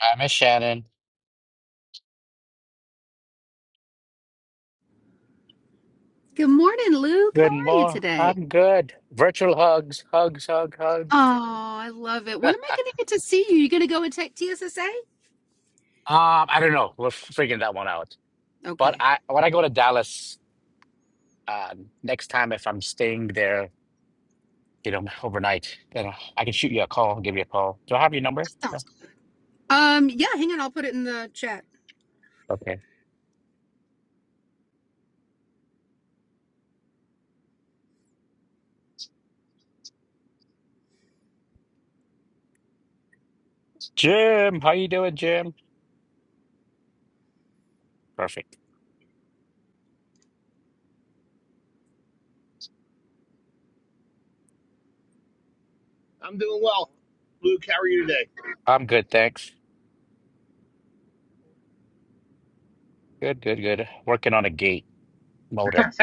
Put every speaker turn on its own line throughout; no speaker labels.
Hi, Miss Shannon.
Good morning, Luke. How
Good
are you
morning.
today?
I'm good. Virtual hugs, hugs, hug, hug.
Oh, I love it. When
um,
am I going to get to see you? You going to go and take TSSA?
I don't know. We're figuring that one out. But
Okay.
I when I go to Dallas uh, next time, if I'm staying there, you know, overnight, you know, I can shoot you a call, give you a call. Do I have your number?
That
No.
sounds cool. Um, yeah, hang on. I'll put it in the chat.
Okay. Jim, how you doing, Jim? Perfect.
I'm doing well. Luke, how are you today?
I'm good, thanks. Good, good, good. Working on a gate motor.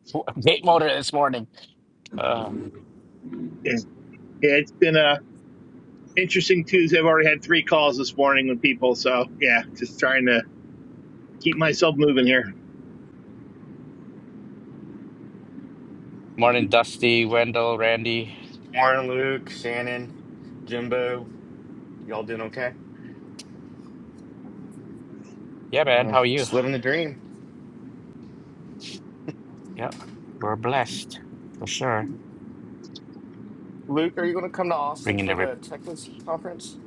Gate motor this morning. Uh,
It's, yeah, it's been a interesting Tuesday. I've already had three calls this morning with people, so yeah, just trying to keep myself moving here.
morning, Dusty, Wendell, Randy.
Morning, Luke, Shannon, Jimbo. Y'all doing okay?
Yeah, man.
Uh,
How are you?
just living the dream.
Yep. We're blessed for sure.
Luke, are you going to come to Austin
Bringing
for
every
the Techless conference?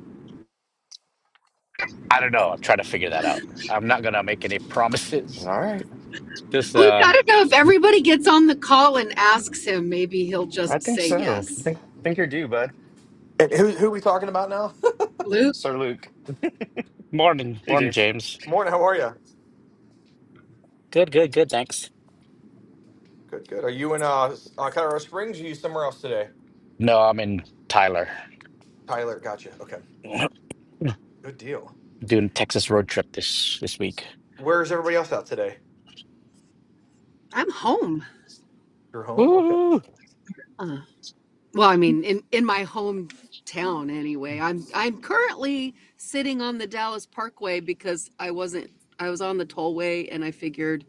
I don't know. I'm trying to figure that out. I'm not gonna make any
All
promises.
right.
This
We've
uh,
got to know if everybody gets on the call and asks him, maybe he'll
I
just
think
say
so. I
yes.
think, think you're due, bud.
And who who are we talking about now?
Luke,
Sir Luke.
morning,
Hey,
morning,
James.
James.
Morning. How are you?
Good, good, good. Thanks.
Good. Good. Are you in uh, S- uh Colorado Springs? Or are you somewhere else today?
no, I'm in Tyler
Tyler, gotcha. Okay. Good deal.
doing Texas road trip this this week.
Where's everybody else out today?
I'm home.
You're home. Okay.
Woo!
Uh, well, I mean, in, in my hometown anyway. I'm I'm currently sitting on the Dallas Parkway because I wasn't I was on the tollway and I figured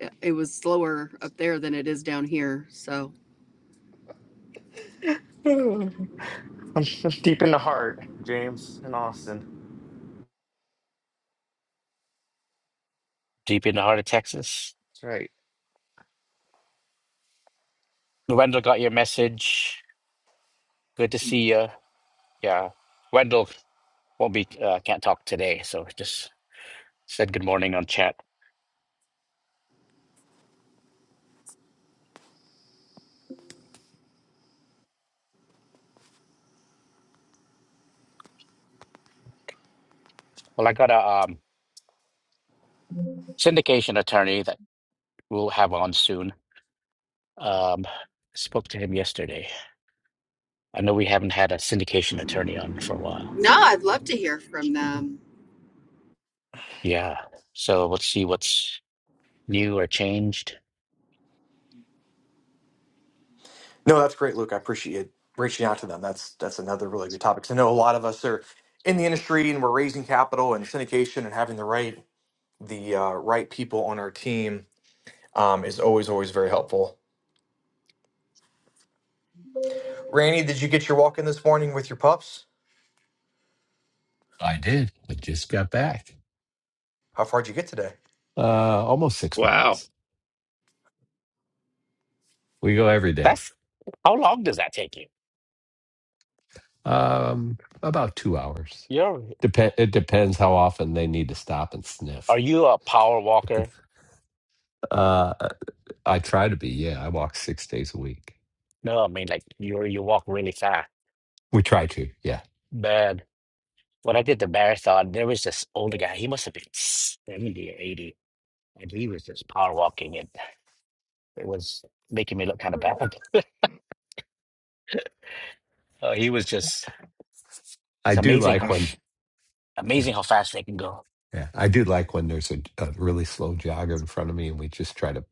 it- was slower up there than it is down here. So
I'm, I'm deep in the heart, James, in Austin.
Deep in the heart of Texas.
That's right.
Wendell got your message. Good to see you. Yeah, Wendell won't be uh, can't talk today, so just said good morning on chat. Well, I got a um, syndication attorney that. we'll have on soon. Um, spoke to him yesterday. I know we haven't had a syndication attorney on for a while.
no, I'd love to hear from them.
Yeah. So let's see what's new or changed.
No, that's great, Luke. I appreciate reaching out to them. That's that's another really good topic. 'Cause I know a lot of us are in the industry and we're raising capital and syndication and having the right the uh, right people on our team um, is always always very helpful. Randy, did you get your walk in this morning with your pups?
I did. I just got back.
How far did you get today?
Uh, almost six
Wow.
miles. We go every day.
That's how long does that take you?
Um, about two hours.
You're
Dep- it depends how often they need to stop and sniff.
are you a power walker?
Uh, I try to be. Yeah, I walk six days a week.
No, I mean like you you walk really fast.
We try to. Yeah,
Man, when I did the marathon, there was this older guy. He must have been seventy or eighty, and he was just power walking, and it was making me look kind of bad. Uh, he was just
I
it's
do
amazing how
like
Mm.
when.
Amazing how fast they can go.
Yeah, I do like when there's a, a really slow jogger in front of me, and we just try to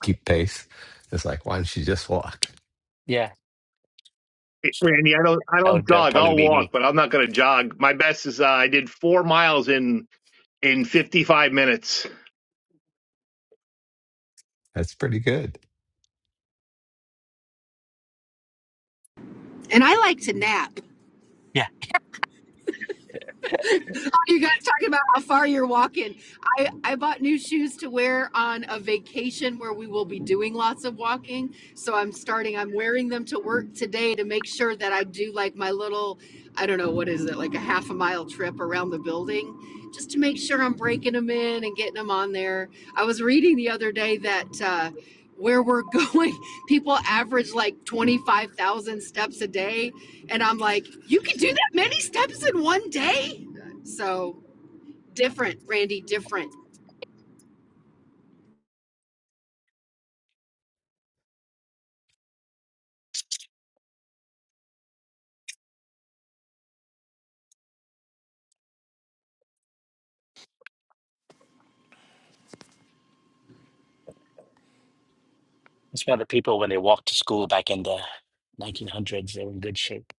keep pace. It's like, why don't you just walk?
Yeah,
Randy, I don't I
that
don't
would be,
jog.
probably
I'll
be
walk,
me.
but I'm not going to jog. My best is uh, I did four miles in in 55 minutes.
That's pretty good.
And I like to nap.
Yeah,
you guys talking about how far you're walking. I, I bought new shoes to wear on a vacation where we will be doing lots of walking. So I'm starting, I'm wearing them to work today to make sure that I do like my little, I don't know, what is it, like a half a mile trip around the building, just to make sure I'm breaking them in and getting them on there. I was reading the other day that, uh, where we're going, people average like 25,000 steps a day. And I'm like, you can do that many steps in one day? So different, Randy, different.
that's why the people when they walked to school back in the 1900s, they were in good shape.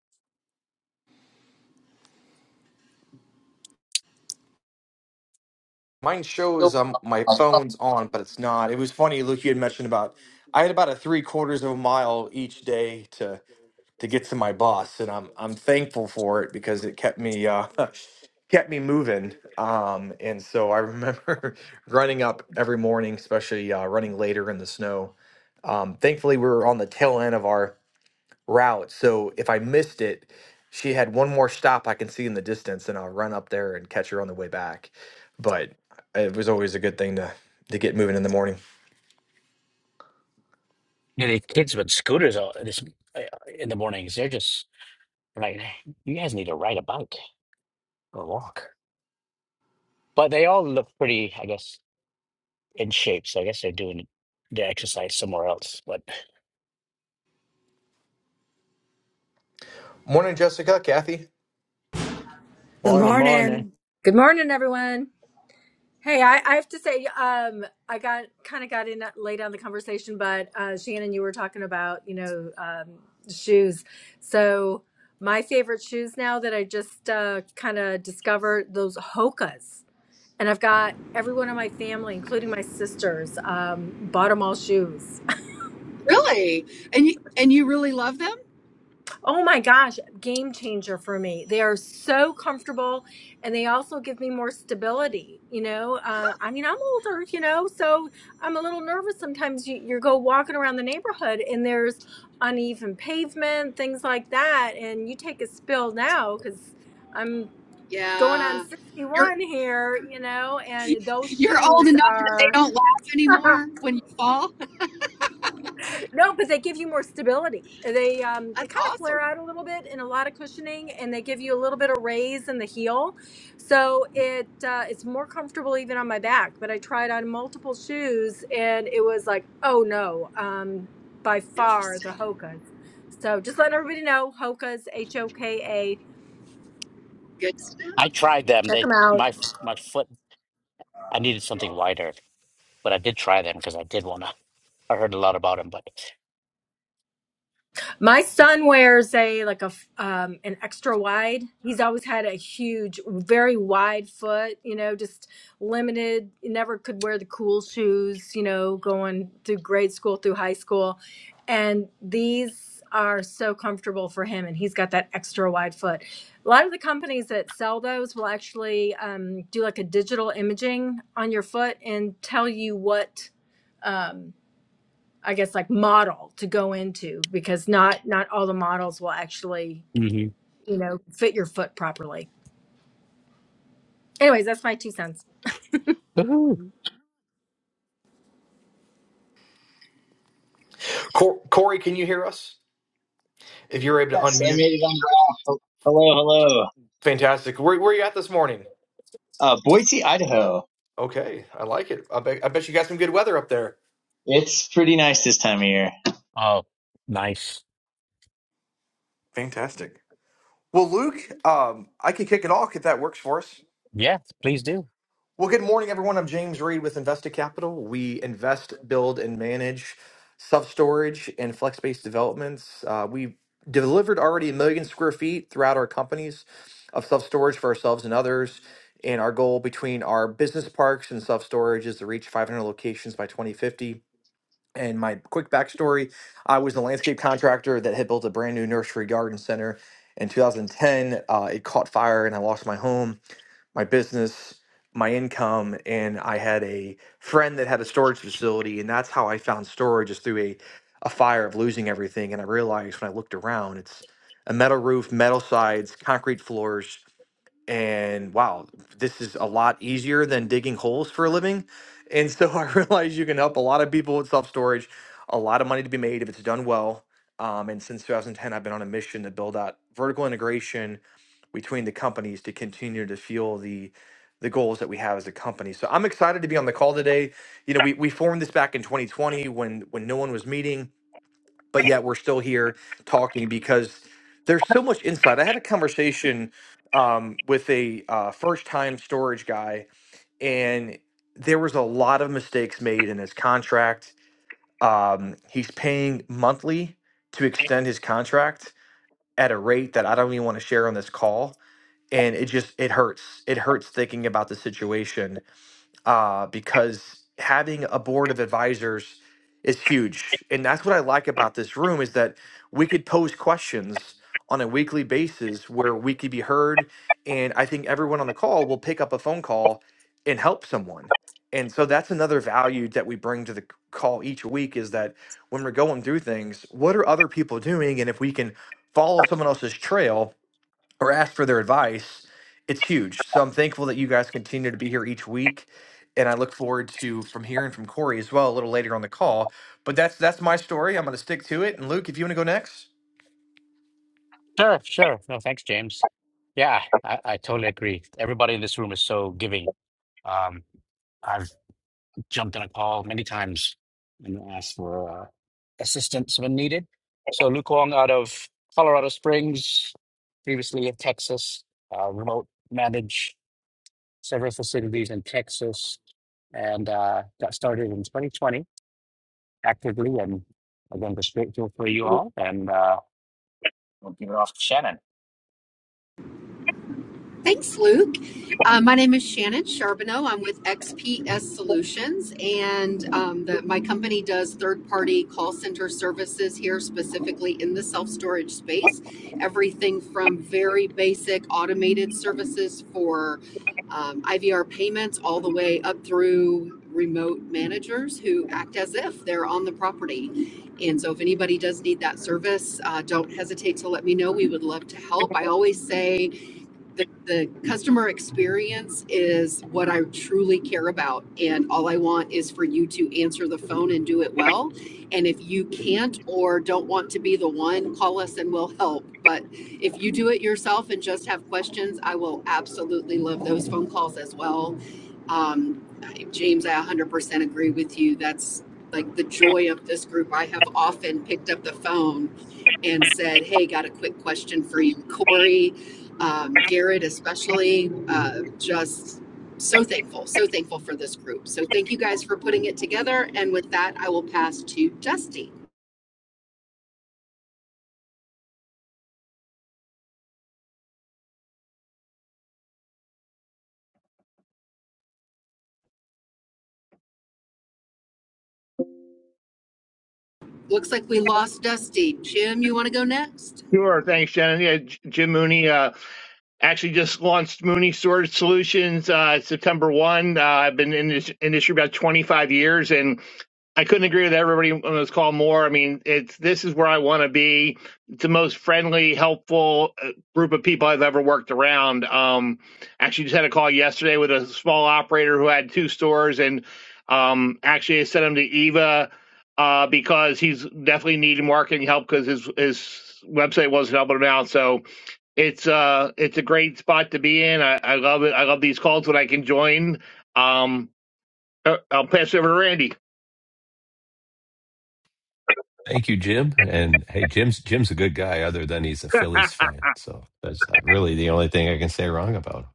Mine shows um my
Good
phone's on, but it's not. It was funny, Luke. You had mentioned about I had about a three quarters of a mile each day to to get to my bus, and I'm I'm thankful for it because it kept me uh kept me moving. Um, and so I remember running up every morning, especially uh, running later in the snow. Um, thankfully, we were on the tail end of our route. So if I missed it, she had one more stop I can see in the distance, and I'll run up there and catch her on the way back. But it was always a good thing to to get moving in the morning.
Yeah, the kids with scooters all this uh, in the mornings, they're just like, you guys need to ride a bike or walk. But they all look pretty, I guess, in shape. So I guess they're doing their exercise somewhere else. But
Morning, Jessica, Kathy,
Good
morning, morning.
morning.
morning, everyone. Hey, I, I have to say, um, I got kind of got in late on the conversation, but uh, Shannon, you were talking about, you know, um, shoes. So my favorite shoes now that I just uh, kind of discovered those Hokas, and I've got everyone in my family, including my sisters, um, bought them all shoes.
Really? And you and you really love them?
Oh my gosh, game changer for me. They are so comfortable and they also give me more stability. You know, uh, I mean, I'm older, you know, so I'm a little nervous sometimes. You, you go walking around the neighborhood and there's uneven pavement, things like that. And you take a spill now because I'm going on
Yeah. You're
61 here, you know, and those
you're old
shoes
enough that they
are.
don't laugh anymore when you fall.
No, but they give you more stability. They um they
That's
kind of
awesome.
flare out a little bit in a lot of cushioning, and they give you a little bit of raise in the heel, so it uh, it's more comfortable even on my back. But I tried on multiple shoes, and it was like, oh no, um, by far the
Interesting.
Hokas. So just letting everybody know, Hokas, H O K A.
Good stuff.
I tried them.
Check
They
them out.
my my foot. I needed something wider, but I did try them because I did want to. I heard a lot about them, but.
My son wears a like a f- um, an extra wide. He's always had a huge, very wide foot. You know, just limited. Never could wear the cool shoes. You know, going through grade school through high school, and these are so comfortable for him. And he's got that extra wide foot. A lot of the companies that sell those will actually um, do like a digital imaging on your foot and tell you what. Um, I guess like model to go into because not not all the models will actually,
Mhm.
you know, fit your foot properly. Anyways, that's my two cents.
Woohoo.
Cor- Corey. Can you hear us? If you're able to
Yes, I
unmute,
made it on the app. Hello, hello.
fantastic. Where where you at this morning?
Uh, Boise, Idaho.
Okay, I like it. I bet I bet you got some good weather up there.
It's pretty nice this time of year.
Oh, nice.
Fantastic. Well, Luke, um, I can kick it off if that works for us.
Yeah, please do.
Well, good morning, everyone. I'm James Reed with Invested Capital. We invest, build, and manage self storage and flex based developments. Uh, we delivered already a million square feet throughout our companies of self storage for ourselves and others. And our goal between our business parks and self storage is to reach 500 locations by 2050. And my quick backstory I was a landscape contractor that had built a brand new nursery garden center. In 2010, uh, it caught fire and I lost my home my business, my income, and I had a friend that had a storage facility, and that's how I found storage is through a a fire of losing everything. And I realized when I looked around, it's a metal roof, metal sides, concrete floors, and wow, this is a lot easier than digging holes for a living. And so I realized you can help a lot of people with self storage, a lot of money to be made if it's done well. Um, and since 2010, I've been on a mission to build out vertical integration between the companies to continue to fuel the the goals that we have as a company. So I'm excited to be on the call today. You know, we, we formed this back in 2020 when when no one was meeting, but yet we're still here talking because there's so much insight. I had a conversation um, with a uh, first time storage guy, and there was a lot of mistakes made in his contract. Um, he's paying monthly to extend his contract at a rate that I don't even want to share on this call and it just it hurts it hurts thinking about the situation uh, because having a board of advisors is huge and that's what i like about this room is that we could pose questions on a weekly basis where we could be heard and i think everyone on the call will pick up a phone call and help someone and so that's another value that we bring to the c- call each week is that when we're going through things what are other people doing and if we can follow someone else's trail or ask for their advice, it's huge. So I'm thankful that you guys continue to be here each week. And I look forward to from hearing from Corey as well a little later on the call. But that's that's my story. I'm gonna stick to it. And Luke, if you want to go next.
Sure, sure. No, thanks, James. Yeah, I, I totally agree. Everybody in this room is so giving. Um, I've jumped on a call many times and asked for uh, assistance when needed. So Luke Wong out of Colorado Springs, previously in Texas, uh, remote manage several facilities in Texas, and uh, got started in 2020 actively. And again, just grateful for you all. And uh, we'll give it off to Shannon.
Thanks, Luke. Uh, my name is Shannon Charbonneau. I'm with XPS Solutions, and um, the, my company does third party call center services here, specifically in the self storage space. Everything from very basic automated services for um, IVR payments all the way up through remote managers who act as if they're on the property. And so, if anybody does need that service, uh, don't hesitate to let me know. We would love to help. I always say, the, the customer experience is what I truly care about. And all I want is for you to answer the phone and do it well. And if you can't or don't want to be the one, call us and we'll help. But if you do it yourself and just have questions, I will absolutely love those phone calls as well. Um, James, I 100% agree with you. That's like the joy of this group. I have often picked up the phone and said, Hey, got a quick question for you, Corey um, Garrett especially. Uh, just so thankful, so thankful for this group. So thank you guys for putting it together. And with that, I will pass to Dusty. Looks like we lost Dusty. Jim, you want to go next?
Sure, thanks, Shannon. Yeah, J- Jim Mooney uh, actually just launched Mooney Storage Solutions uh, September one. Uh, I've been in this industry about 25 years, and I couldn't agree with everybody on this call more. I mean, it's this is where I want to be. It's the most friendly, helpful uh, group of people I've ever worked around. Um, actually, just had a call yesterday with a small operator who had two stores, and um, actually, I sent him to Eva uh, because he's definitely needed marketing help because his his website wasn't helping him out. So it's uh it's a great spot to be in. I, I love it. I love these calls when I can join. Um, uh, I'll pass it over to Randy.
Thank you, Jim. And hey, Jim's Jim's a good guy, other than he's a Phillies fan. So that's really the only thing I can say wrong about him.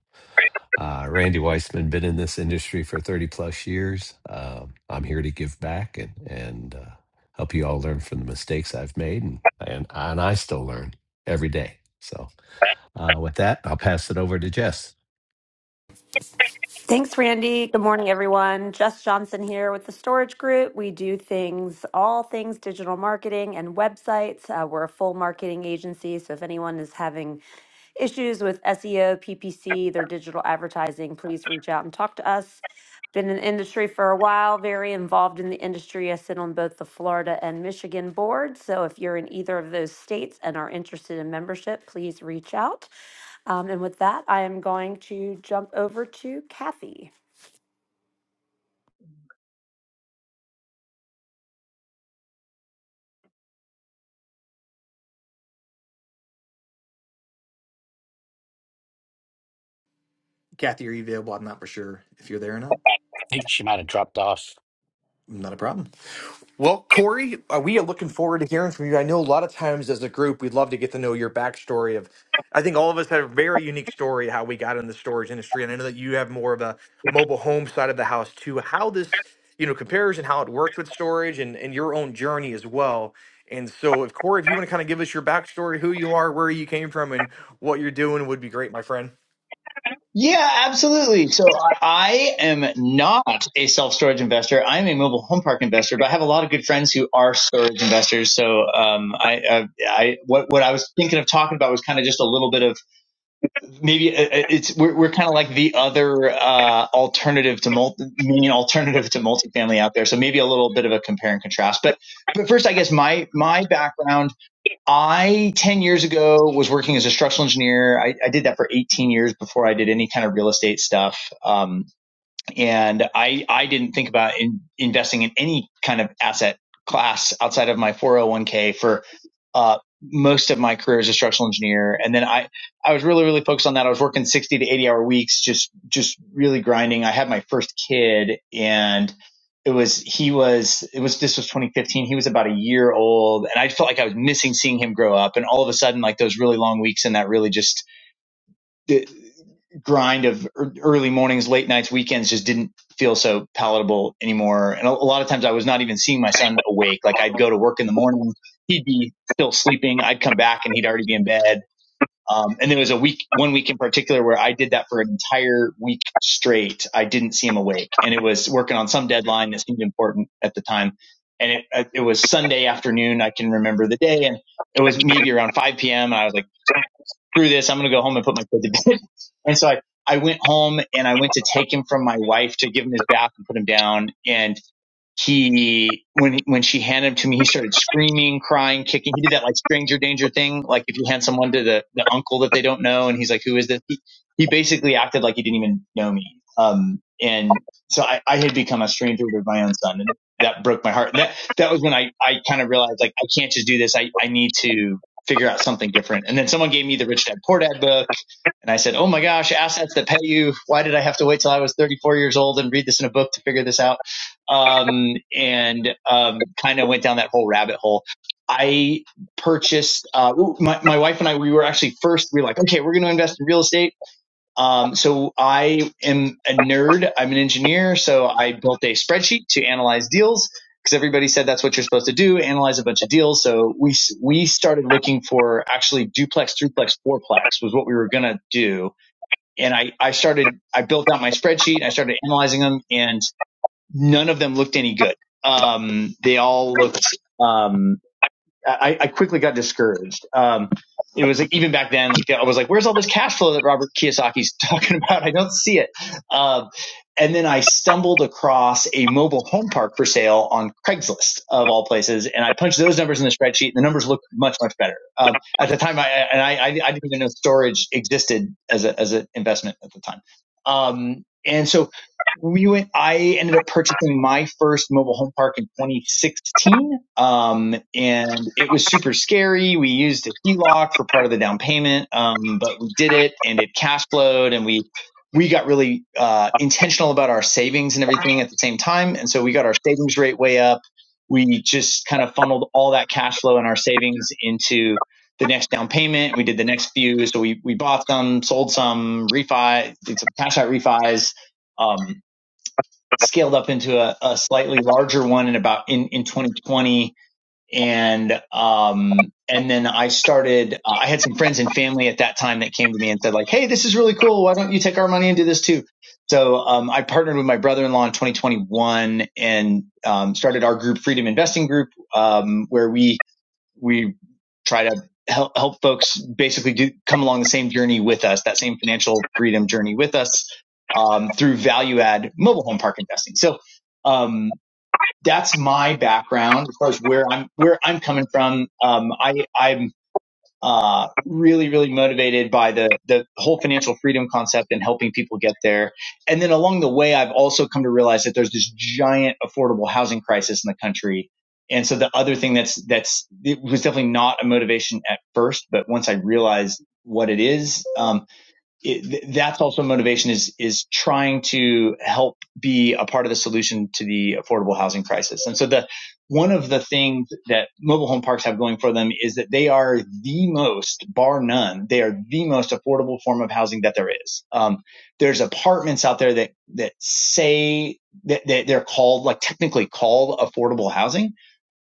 Uh, Randy Weissman been in this industry for thirty plus years. Um, I'm here to give back and and uh, help you all learn from the mistakes I've made, and and, and I still learn every day. So uh, with that, I'll pass it over to Jess.
Thanks, Randy. Good morning, everyone. Jess Johnson here with the Storage Group. We do things, all things digital marketing and websites. Uh, we're a full marketing agency. So if anyone is having issues with SEO, PPC, their digital advertising, please reach out and talk to us. Been in the industry for a while, very involved in the industry. I sit on both the Florida and Michigan boards. So if you're in either of those states and are interested in membership, please reach out. Um, and with that, I am going to jump over to Kathy.
Kathy, are you available? I'm not for sure if you're there or not.
I think she might have dropped off.
Not a problem. Well, Corey, uh, we are looking forward to hearing from you. I know a lot of times as a group, we'd love to get to know your backstory of. I think all of us have a very unique story how we got in the storage industry, and I know that you have more of a mobile home side of the house too. How this you know compares and how it works with storage, and and your own journey as well. And so, if Corey, if you want to kind of give us your backstory, who you are, where you came from, and what you're doing, would be great, my friend.
Yeah, absolutely. So I am not a self storage investor. I'm a mobile home park investor, but I have a lot of good friends who are storage investors. So um, I, I, I, what what I was thinking of talking about was kind of just a little bit of maybe uh, uh, it's we're, we're kind of like the other uh, alternative to multi, meaning alternative to multifamily out there. So maybe a little bit of a compare and contrast. But but first, I guess my my background I, 10 years ago, was working as a structural engineer. I, I did that for 18 years before I did any kind of real estate stuff. Um, and I I didn't think about in, investing in any kind of asset class outside of my 401k for uh, most of my career as a structural engineer. And then I I was really really focused on that. I was working 60 to 80 hour weeks, just just really grinding. I had my first kid, and it was he was it was this was 2015. He was about a year old, and I felt like I was missing seeing him grow up. And all of a sudden, like those really long weeks and that really just the grind of er, early mornings, late nights, weekends just didn't feel so palatable anymore. And a, a lot of times I was not even seeing my son awake. Like I'd go to work in the morning, he'd be still sleeping. I'd come back and he'd already be in bed. Um, and there was a week, one week in particular where I did that for an entire week straight. I didn't see him awake and it was working on some deadline that seemed important at the time. And it, it was Sunday afternoon. I can remember the day and it was maybe around 5 p.m. And I was like, screw this, I'm going to go home and put my kid to bed. and so I, I went home and I went to take him from my wife to give him his bath and put him down. And he when when she handed him to me, he started screaming, crying, kicking. He did that like stranger danger thing, like if you hand someone to the the uncle that they don't know, and he's like, "Who is this?" He, he basically acted like he didn't even know me. Um, and so I, I had become a stranger to my own son, and that broke my heart. And that that was when I I kind of realized like I can't just do this. I I need to figure out something different. And then someone gave me the Rich Dad Poor Dad book and I said, Oh my gosh, assets that pay you. Why did I have to wait till I was 34 years old and read this in a book to figure this out? Um, and um, kind of went down that whole rabbit hole. I purchased, uh, my, my wife and I, we were actually first, we were like, okay, we're going to invest in real estate. Um, so I am a nerd. I'm an engineer. So I built a spreadsheet to analyze deals because everybody said that's what you're supposed to do, analyze a bunch of deals. So we, we started looking for actually duplex, threeplex, fourplex was what we were going to do and I, I started, I built out my spreadsheet. I started analyzing them and none of them looked any good. Um, they all looked, um, I, I quickly got discouraged. Um, it was like even back then, like I was like, "Where's all this cash flow that Robert Kiyosaki's talking about? I don't see it." Um, and then I stumbled across a mobile home park for sale on Craigslist of all places, and I punched those numbers in the spreadsheet, and the numbers looked much much better. Um, at the time, I and I, I, I didn't even know storage existed as a as an investment at the time. Um, and so we went. I ended up purchasing my first mobile home park in 2016 um, and it was super scary. We used a HELOC for part of the down payment, um, but we did it and it cash flowed and we, we got really uh, intentional about our savings and everything at the same time. And so we got our savings rate way up. We just kind of funneled all that cash flow and our savings into the next down payment. We did the next few. So we, we bought some, sold some, refi, did some cash out refis, um, scaled up into a, a slightly larger one in about in, in 2020 and um and then I started uh, I had some friends and family at that time that came to me and said like hey this is really cool why don't you take our money and do this too so um I partnered with my brother-in-law in 2021 and um started our group Freedom Investing Group um where we we try to help help folks basically do come along the same journey with us that same financial freedom journey with us um through value add mobile home park investing so um, that's my background as far as where I'm where I'm coming from. Um, I I'm uh, really really motivated by the the whole financial freedom concept and helping people get there. And then along the way, I've also come to realize that there's this giant affordable housing crisis in the country. And so the other thing that's that's it was definitely not a motivation at first, but once I realized what it is, um, it, th- that's also motivation is is trying to help be a part of the solution to the affordable housing crisis. And so the one of the things that mobile home parks have going for them is that they are the most, bar none, they are the most affordable form of housing that there is. Um, there's apartments out there that that say that, that they're called like technically called affordable housing,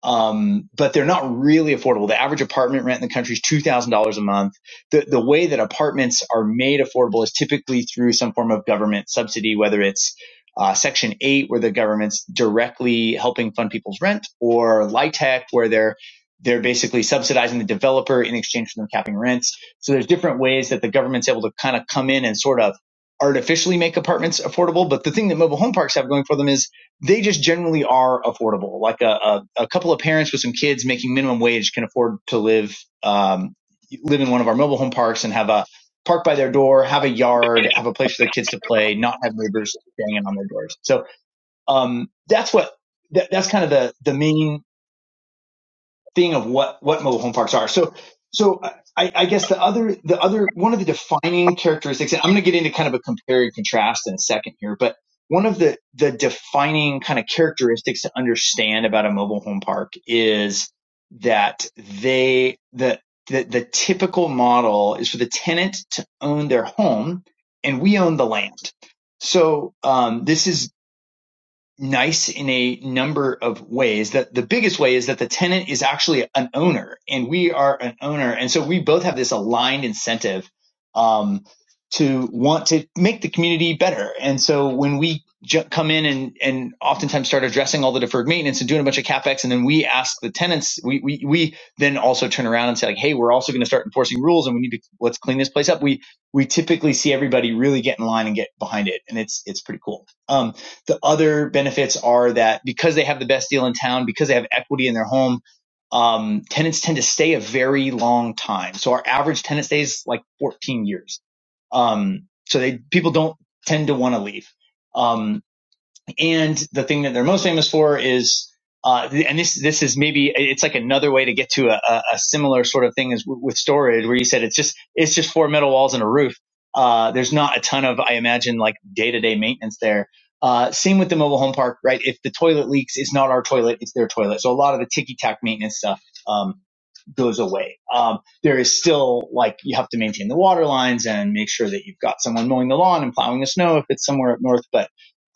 um, but they're not really affordable. The average apartment rent in the country is two thousand dollars a month the, the way that apartments are made affordable is typically through some form of government subsidy, whether it's uh, Section 8, where the government's directly helping fund people's rent, or LIHTC, where they're they're basically subsidizing the developer in exchange for them capping rents. So there's different ways that the government's able to kind of come in and sort of artificially make apartments affordable. But the thing that mobile home parks have going for them is they just generally are affordable. Like a, a, a couple of parents with some kids making minimum wage can afford to live um, live in one of our mobile home parks and have a park by their door, have a yard, have a place for their kids to play, not have neighbors banging on their doors. So um, that's what that, that's kind of the the main thing of what what mobile home parks are. So so I, I guess the other the other one of the defining characteristics, and I'm going to get into kind of a compare and contrast in a second here, but one of the the defining kind of characteristics to understand about a mobile home park is that they the the, the typical model is for the tenant to own their home and we own the land. So um, this is nice in a number of ways. That the biggest way is that the tenant is actually an owner, and we are an owner, and so we both have this aligned incentive um, to want to make the community better. And so when we ju- come in and and oftentimes start addressing all the deferred maintenance and doing a bunch of capex, and then we ask the tenants, we we we then also turn around and say like, hey, we're also going to start enforcing rules, and we need to let's clean this place up. We we typically see everybody really get in line and get behind it, and it's it's pretty cool. Um, the other benefits are that because they have the best deal in town, because they have equity in their home, um, tenants tend to stay a very long time. So our average tenant stays like 14 years. Um, so they people don't tend to want to leave. Um, and the thing that they're most famous for is, uh, and this this is maybe it's like another way to get to a, a, similar sort of thing as w- with storage, where you said it's just it's just four metal walls and a roof. Uh, there's not a ton of I imagine like day to day maintenance there. Uh, same with the mobile home park, right? If the toilet leaks, it's not our toilet, it's their toilet. So a lot of the ticky tack maintenance stuff um, goes away. Um, there is still like you have to maintain the water lines and make sure that you've got someone mowing the lawn and plowing the snow if it's somewhere up north, but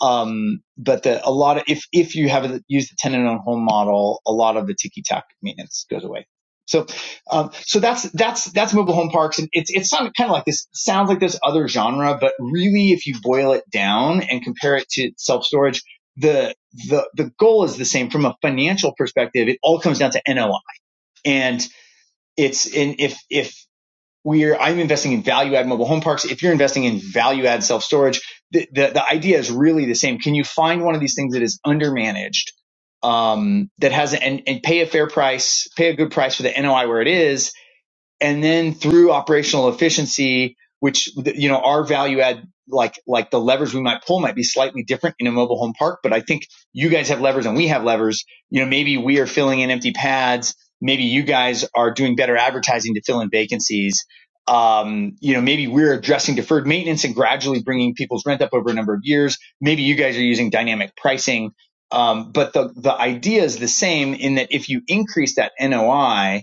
um, but the, a lot of, if, if you have used the tenant on home model, a lot of the ticky tack maintenance goes away. So, um, so that's, that's, that's mobile home parks. And it's, it's kind of kind of like this, sounds like this other genre, but really if you boil it down and compare it to self storage, the, the, the goal is the same from a financial perspective. It all comes down to NOI and it's in, if, if we're I'm investing in value add mobile home parks. If you're investing in value add self storage, the, the the idea is really the same. Can you find one of these things that is undermanaged, um, that has and and pay a fair price, pay a good price for the NOI where it is, and then through operational efficiency, which you know our value add like like the levers we might pull might be slightly different in a mobile home park, but I think you guys have levers and we have levers. You know, maybe we are filling in empty pads. Maybe you guys are doing better advertising to fill in vacancies. Um, you know, maybe we're addressing deferred maintenance and gradually bringing people's rent up over a number of years. Maybe you guys are using dynamic pricing. Um, but the, the idea is the same in that if you increase that NOI,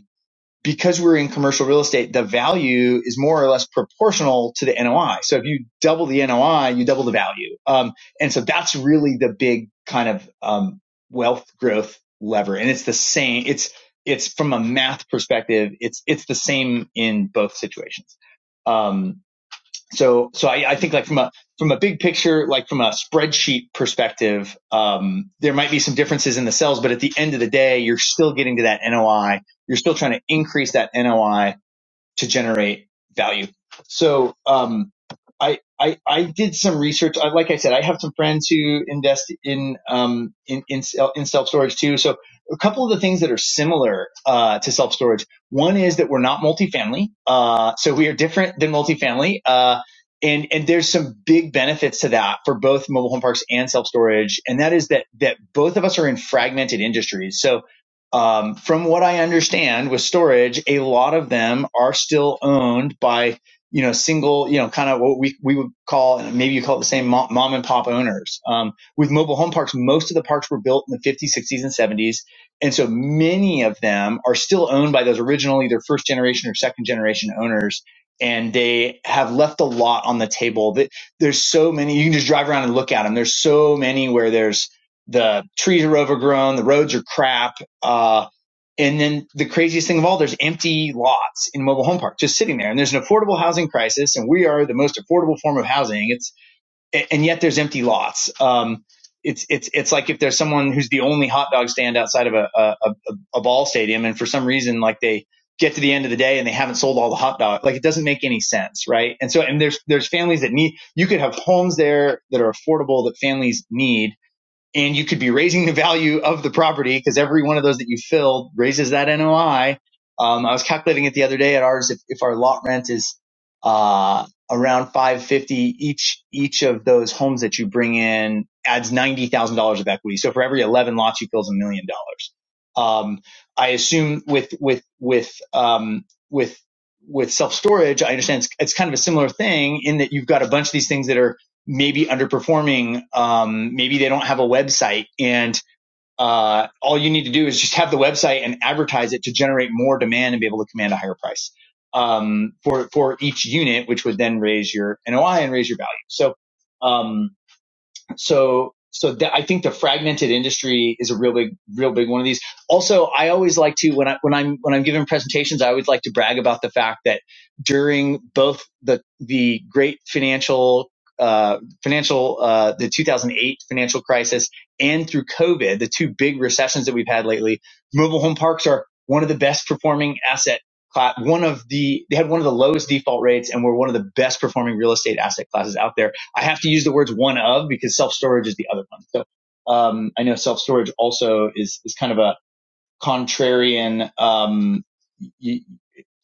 because we're in commercial real estate, the value is more or less proportional to the NOI. So if you double the NOI, you double the value. Um, and so that's really the big kind of um, wealth growth lever. And it's the same. It's it's from a math perspective. It's it's the same in both situations. Um, so so I, I think like from a from a big picture like from a spreadsheet perspective um, there might be some differences in the cells but at the end of the day you're still getting to that noi you're still trying to increase that noi to generate value. So, um, I, I, I did some research. I, like I said, I have some friends who invest in, um, in, in, in self storage too. So a couple of the things that are similar, uh, to self storage. One is that we're not multifamily. Uh, so we are different than multifamily. Uh, and, and there's some big benefits to that for both mobile home parks and self storage. And that is that, that both of us are in fragmented industries. So um, from what I understand with storage, a lot of them are still owned by, you know, single, you know, kind of what we, we would call, and maybe you call it the same mom, mom and pop owners. Um, with mobile home parks, most of the parks were built in the 50s, 60s, and 70s. And so many of them are still owned by those original either first generation or second generation owners. And they have left a lot on the table that there's so many, you can just drive around and look at them. There's so many where there's, the trees are overgrown, the roads are crap, uh, and then the craziest thing of all, there's empty lots in mobile home parks just sitting there. And there's an affordable housing crisis, and we are the most affordable form of housing. It's and yet there's empty lots. Um, it's it's it's like if there's someone who's the only hot dog stand outside of a a, a a ball stadium, and for some reason like they get to the end of the day and they haven't sold all the hot dogs. Like it doesn't make any sense, right? And so and there's there's families that need you could have homes there that are affordable that families need and you could be raising the value of the property because every one of those that you fill raises that NOI. Um, I was calculating it the other day at ours. If, if our lot rent is uh, around 550 each, each of those homes that you bring in adds $90,000 of equity. So for every 11 lots, you fill a million dollars. Um, I assume with with with um, with with self storage, I understand it's, it's kind of a similar thing in that you've got a bunch of these things that are maybe underperforming. Um, maybe they don't have a website and uh, all you need to do is just have the website and advertise it to generate more demand and be able to command a higher price um, for for each unit, which would then raise your NOI and raise your value. So um, so so that I think the fragmented industry is a real big real big one of these. Also, I always like to when I when I'm when I'm giving presentations, I always like to brag about the fact that during both the the great financial uh, financial uh, the 2008 financial crisis and through COVID, the two big recessions that we've had lately, mobile home parks are one of the best performing asset class. One of the they had one of the lowest default rates and were one of the best performing real estate asset classes out there I have to use the words one of because self storage is the other one. So um, I know self storage also is is kind of a contrarian. Um, y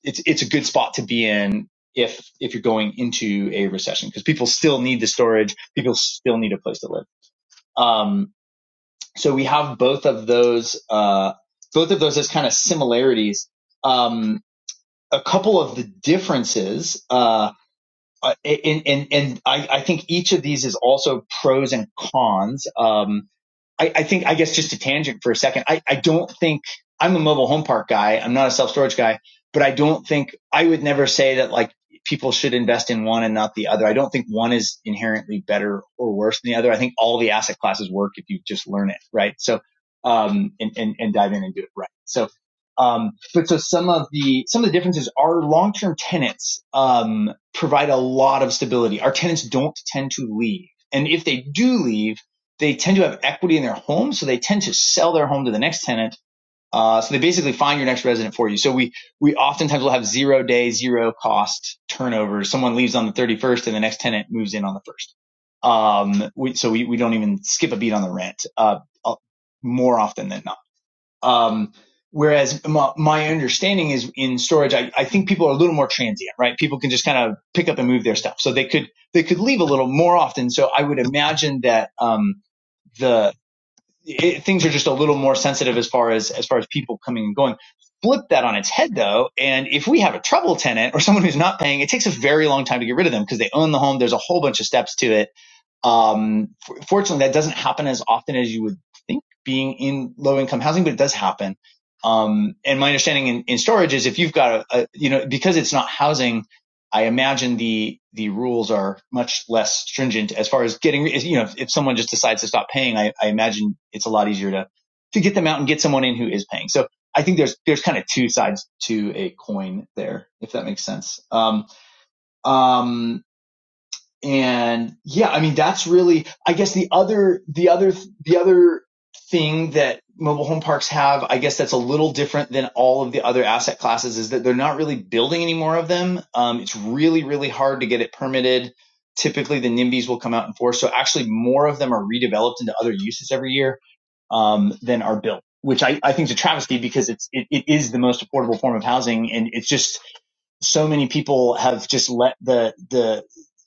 it's it's a good spot to be in if if you're going into a recession because people still need the storage, people still need a place to live. Um, so we have both of those uh, both of those as kind of similarities. Um, a couple of the differences. Uh, uh, and and, and I, I think each of these is also pros and cons. Um, I, I think, I guess just to tangent for a second, I, I don't think I'm a mobile home park guy. I'm not a self storage guy, but I don't think I would never say that like people should invest in one and not the other. I don't think one is inherently better or worse than the other. I think all the asset classes work if you just learn it. Right. So, um, and, and, and dive in and do it right. So, um, but so some of the, some of the differences are long-term tenants, um, provide a lot of stability. Our tenants don't tend to leave. And if they do leave, they tend to have equity in their home, so they tend to sell their home to the next tenant. Uh, so they basically find your next resident for you. So we we oftentimes will have zero day, zero cost turnover. Someone leaves on the 31st, and the next tenant moves in on the first. Um, we, so we we don't even skip a beat on the rent uh, uh, more often than not. Um, whereas my, my understanding is in storage, I, I think people are a little more transient, right? People can just kind of pick up and move their stuff, so they could they could leave a little more often. So I would imagine that um, the it, things are just a little more sensitive as far as as far as people coming and going. Flip that on its head though, and if we have a trouble tenant or someone who's not paying, it takes a very long time to get rid of them because they own the home. There's a whole bunch of steps to it um, for- fortunately, that doesn't happen as often as you would think being in low income housing, but it does happen. Um, and my understanding in, in storage is if you've got a, a, you know, because it's not housing, I imagine the, the rules are much less stringent as far as getting, you know, if, if someone just decides to stop paying, I, I imagine it's a lot easier to, to get them out and get someone in who is paying. So I think there's, there's kind of two sides to a coin there, if that makes sense. Um, um, and yeah i mean that's really i guess the other the other the other thing that mobile home parks have i guess that's a little different than all of the other asset classes is that they're not really building any more of them um, it's really really hard to get it permitted typically the nimbys will come out in force so actually more of them are redeveloped into other uses every year um, than are built which I, I think is a travesty because it's it, it is the most affordable form of housing and it's just so many people have just let the the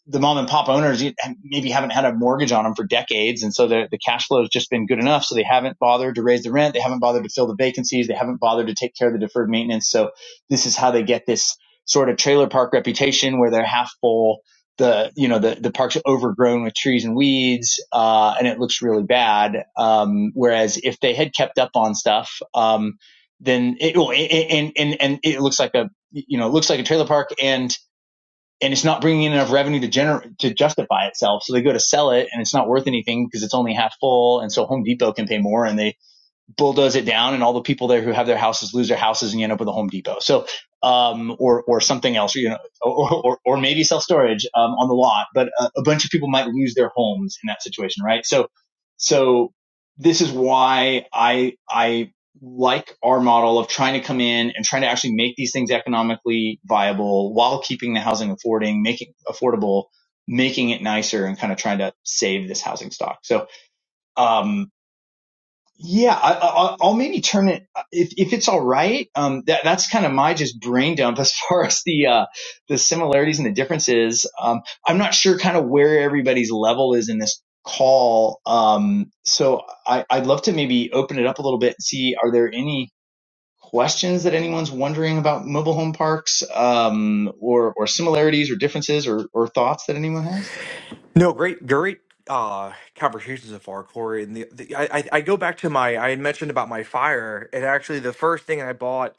the mom and pop owners maybe haven't had a mortgage on them for decades, and so the the cash flow has just been good enough. So they haven't bothered to raise the rent, they haven't bothered to fill the vacancies, they haven't bothered to take care of the deferred maintenance. So this is how they get this sort of trailer park reputation, where they're half full. The you know the the park's overgrown with trees and weeds, uh, and it looks really bad. Um, whereas if they had kept up on stuff, um, then it will and and and it looks like a you know, it looks like a trailer park and and it's not bringing in enough revenue to generate to justify itself. So they go to sell it and it's not worth anything because it's only half full. And so Home Depot can pay more and they bulldoze it down and all the people there who have their houses lose their houses and you end up with a Home Depot. So, um, or, or something else, you know, or, or, or maybe self storage, um, on the lot, but a, a bunch of people might lose their homes in that situation. Right. So, so this is why I, I like our model of trying to come in and trying to actually make these things economically viable while keeping the housing affording, making affordable, making it nicer and kind of trying to save this housing stock. So, um, yeah, I, I, I'll maybe turn it if if it's all right. Um, that that's kind of my just brain dump as far as the uh, the similarities and the differences. Um, I'm not sure kind of where everybody's level is in this call. Um, so I, I'd love to maybe open it up a little bit and see are there any questions that anyone's wondering about mobile home parks, um, or or similarities or differences or or thoughts that anyone has.
No, great, great uh conversation so far, Corey. And the, the I, I I go back to my I had mentioned about my fire, and actually the first thing I bought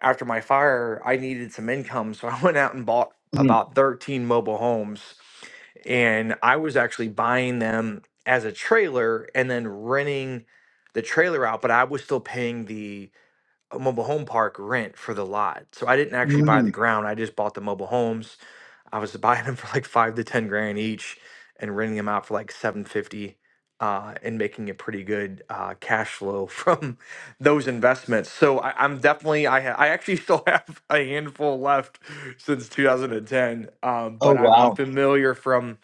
after my fire, I needed some income, so I went out and bought
Mhm.
about 13 mobile homes, and I was actually buying them as a trailer and then renting the trailer out, but I was still paying the uh, mobile home park rent for the lot. So I didn't actually buy
Mhm.
the ground, I just bought the mobile homes I was buying them for like five to ten grand each and renting them out for like seven fifty, uh, and making a pretty good uh, cash flow from those investments. So I, I'm definitely I ha- I actually still have a handful left since 2010, um,
Oh
but I'm, I'm
wow.
familiar from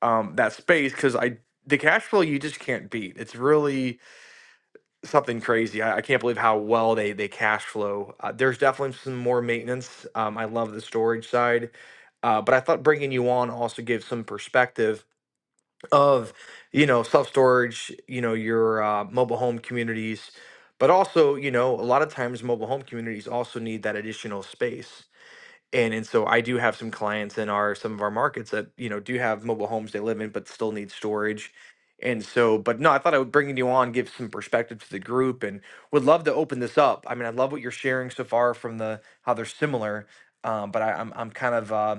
um, that space because I the cash flow you just can't beat. It's really something crazy. I, I can't believe how well they they cash flow. Uh, there's definitely some more maintenance. Um, I love the storage side, uh, but I thought bringing you on also gives some perspective of you know self storage, you know your uh, mobile home communities, but also you know a lot of times mobile home communities also need that additional space and and so I do have some clients in our some of our markets that you know do have mobile homes they live in but still need storage. And so, but no, I thought I would bring you on, give some perspective to the group, and would love to open this up. I mean, I love what you're sharing so far from the how they're similar, um, but I, I'm I'm kind of um,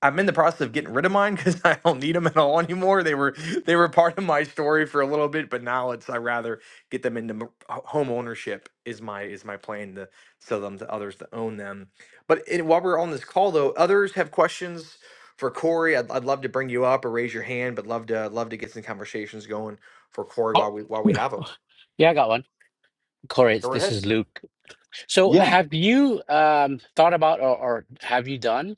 I'm in the process of getting rid of mine because I don't need them at all anymore. They were they were part of my story for a little bit, but now it's I rather get them into m- ho- home ownership is my is my plan to sell them to others to own them. But it, while we're on this call though, others have questions for Corey. I'd, I'd love to bring you up or raise your hand, but love to love to get some conversations going for Corey
Oh,
while we while we have them.
yeah, I got one. Corey, it's-
Go right
this
ahead.
is Luke. So,
yeah.
have you um, thought about or, or have you done?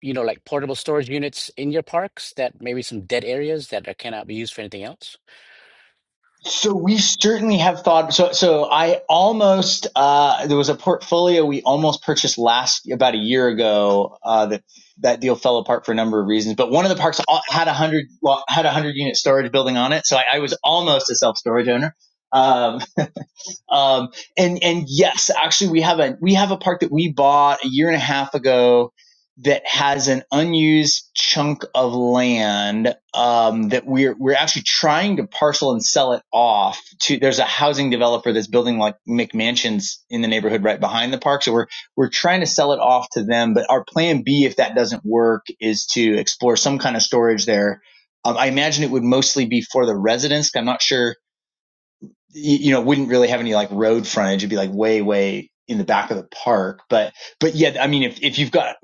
you know, like portable storage units in your parks that maybe some dead areas that are, cannot be used for anything else?
So we certainly have thought. So so I almost uh, there was a portfolio we almost purchased last about a year ago. Uh, that that deal fell apart for a number of reasons, but one of the parks had a hundred well, had a hundred unit storage building on it. So I, I was almost a self storage owner. Um, um, and and yes, actually, we have a we have a park that we bought a year and a half ago that has an unused chunk of land um, that we're we're actually trying to parcel and sell it off to. There's a housing developer that's building like McMansions in the neighborhood right behind the park, so we're we're trying to sell it off to them. But our plan B, if that doesn't work, is to explore some kind of storage there. Um, I imagine it would mostly be for the residents. I'm not sure you, know, wouldn't really have any like road frontage. It'd be like way, way in the back of the park. But, but yeah, I mean, if, if you've got,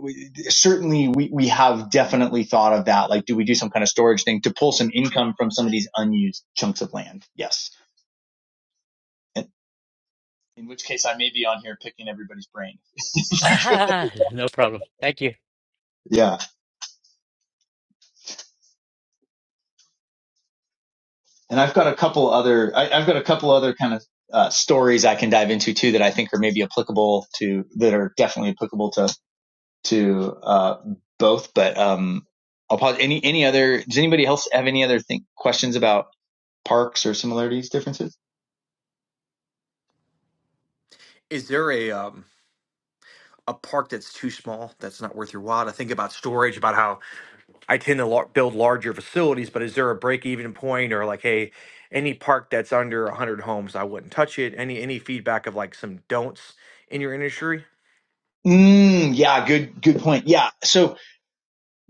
certainly we, we have definitely thought of that. Like, do we do some kind of storage thing to pull some income from some of these unused chunks of land? Yes. And, in which case I may be on here picking everybody's brain.
Ah, no problem. Thank you.
yeah. And I've got a couple other, I, I've got a couple other kind of uh, stories I can dive into too that I think are maybe applicable to, that are definitely applicable to to uh, both. But um, I'll pause. Any any other? Does anybody else have any other thing, questions about parks or similarities differences?
Is there a um a park that's too small that's not worth your while to think about storage? About how I tend to lar- build larger facilities, but is there a break even point or like, hey, any park that's under 100 homes, I wouldn't touch it? Any any feedback of like some don'ts in your industry?
Mm, yeah, good good point. Yeah, so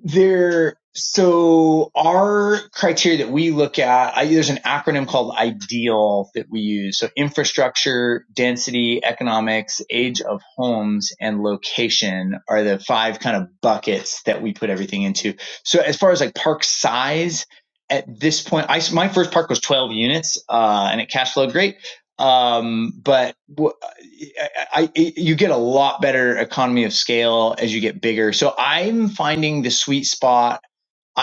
There, so our criteria that we look at, I, there's an acronym called IDEAL that we use. So infrastructure, density, economics, age of homes, and location are the five kind of buckets that we put everything into. So as far as like park size, at this point, I, my first park was 12 units, uh, and it cash flowed great. Um, but w- I, I- you get a lot better economy of scale as you get bigger. So I'm finding the sweet spot.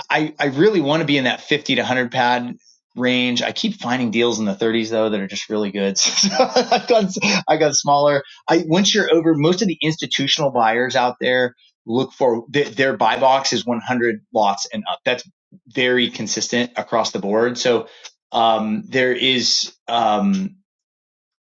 I I really want to be in that 50 to 100 pad range. I keep finding deals in the 30s though that are just really good. So I got I got smaller. I once you're over most of the institutional buyers out there look for their, their buy box is 100 lots and up. That's very consistent across the board. So um there is um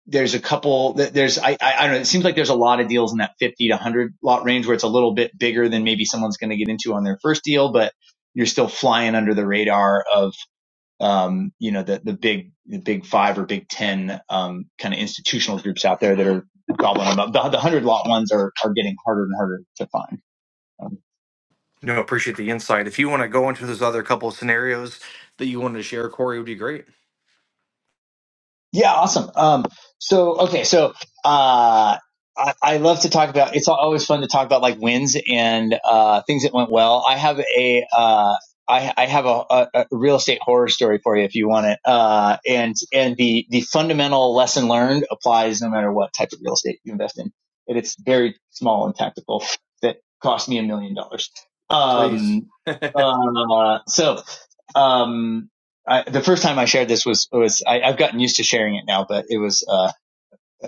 there's a couple that there's I, I I don't know it seems like there's a lot of deals in that 50 to 100 lot range where it's a little bit bigger than maybe someone's going to get into on their first deal but you're still flying under the radar of um you know the the big the big 5 or big 10 um kind of institutional groups out there that are gobbling them up the, the 100 lot ones are are getting harder and harder to find Um,
No, appreciate the insight. If you want to go into those other couple of scenarios that you wanted to share, Corey, would be great.
Yeah, awesome. Um, so okay, so uh, I, I love to talk about. It's always fun to talk about like wins and uh, things that went well. I have a uh, I, I have a, a, a real estate horror story for you if you want it. Uh, and and the the fundamental lesson learned applies no matter what type of real estate you invest in. And it's very small and tactical that cost me a million dollars.
Please.
Um, uh, so um, I, the first time I shared this was was I, I've gotten used to sharing it now, but it was uh,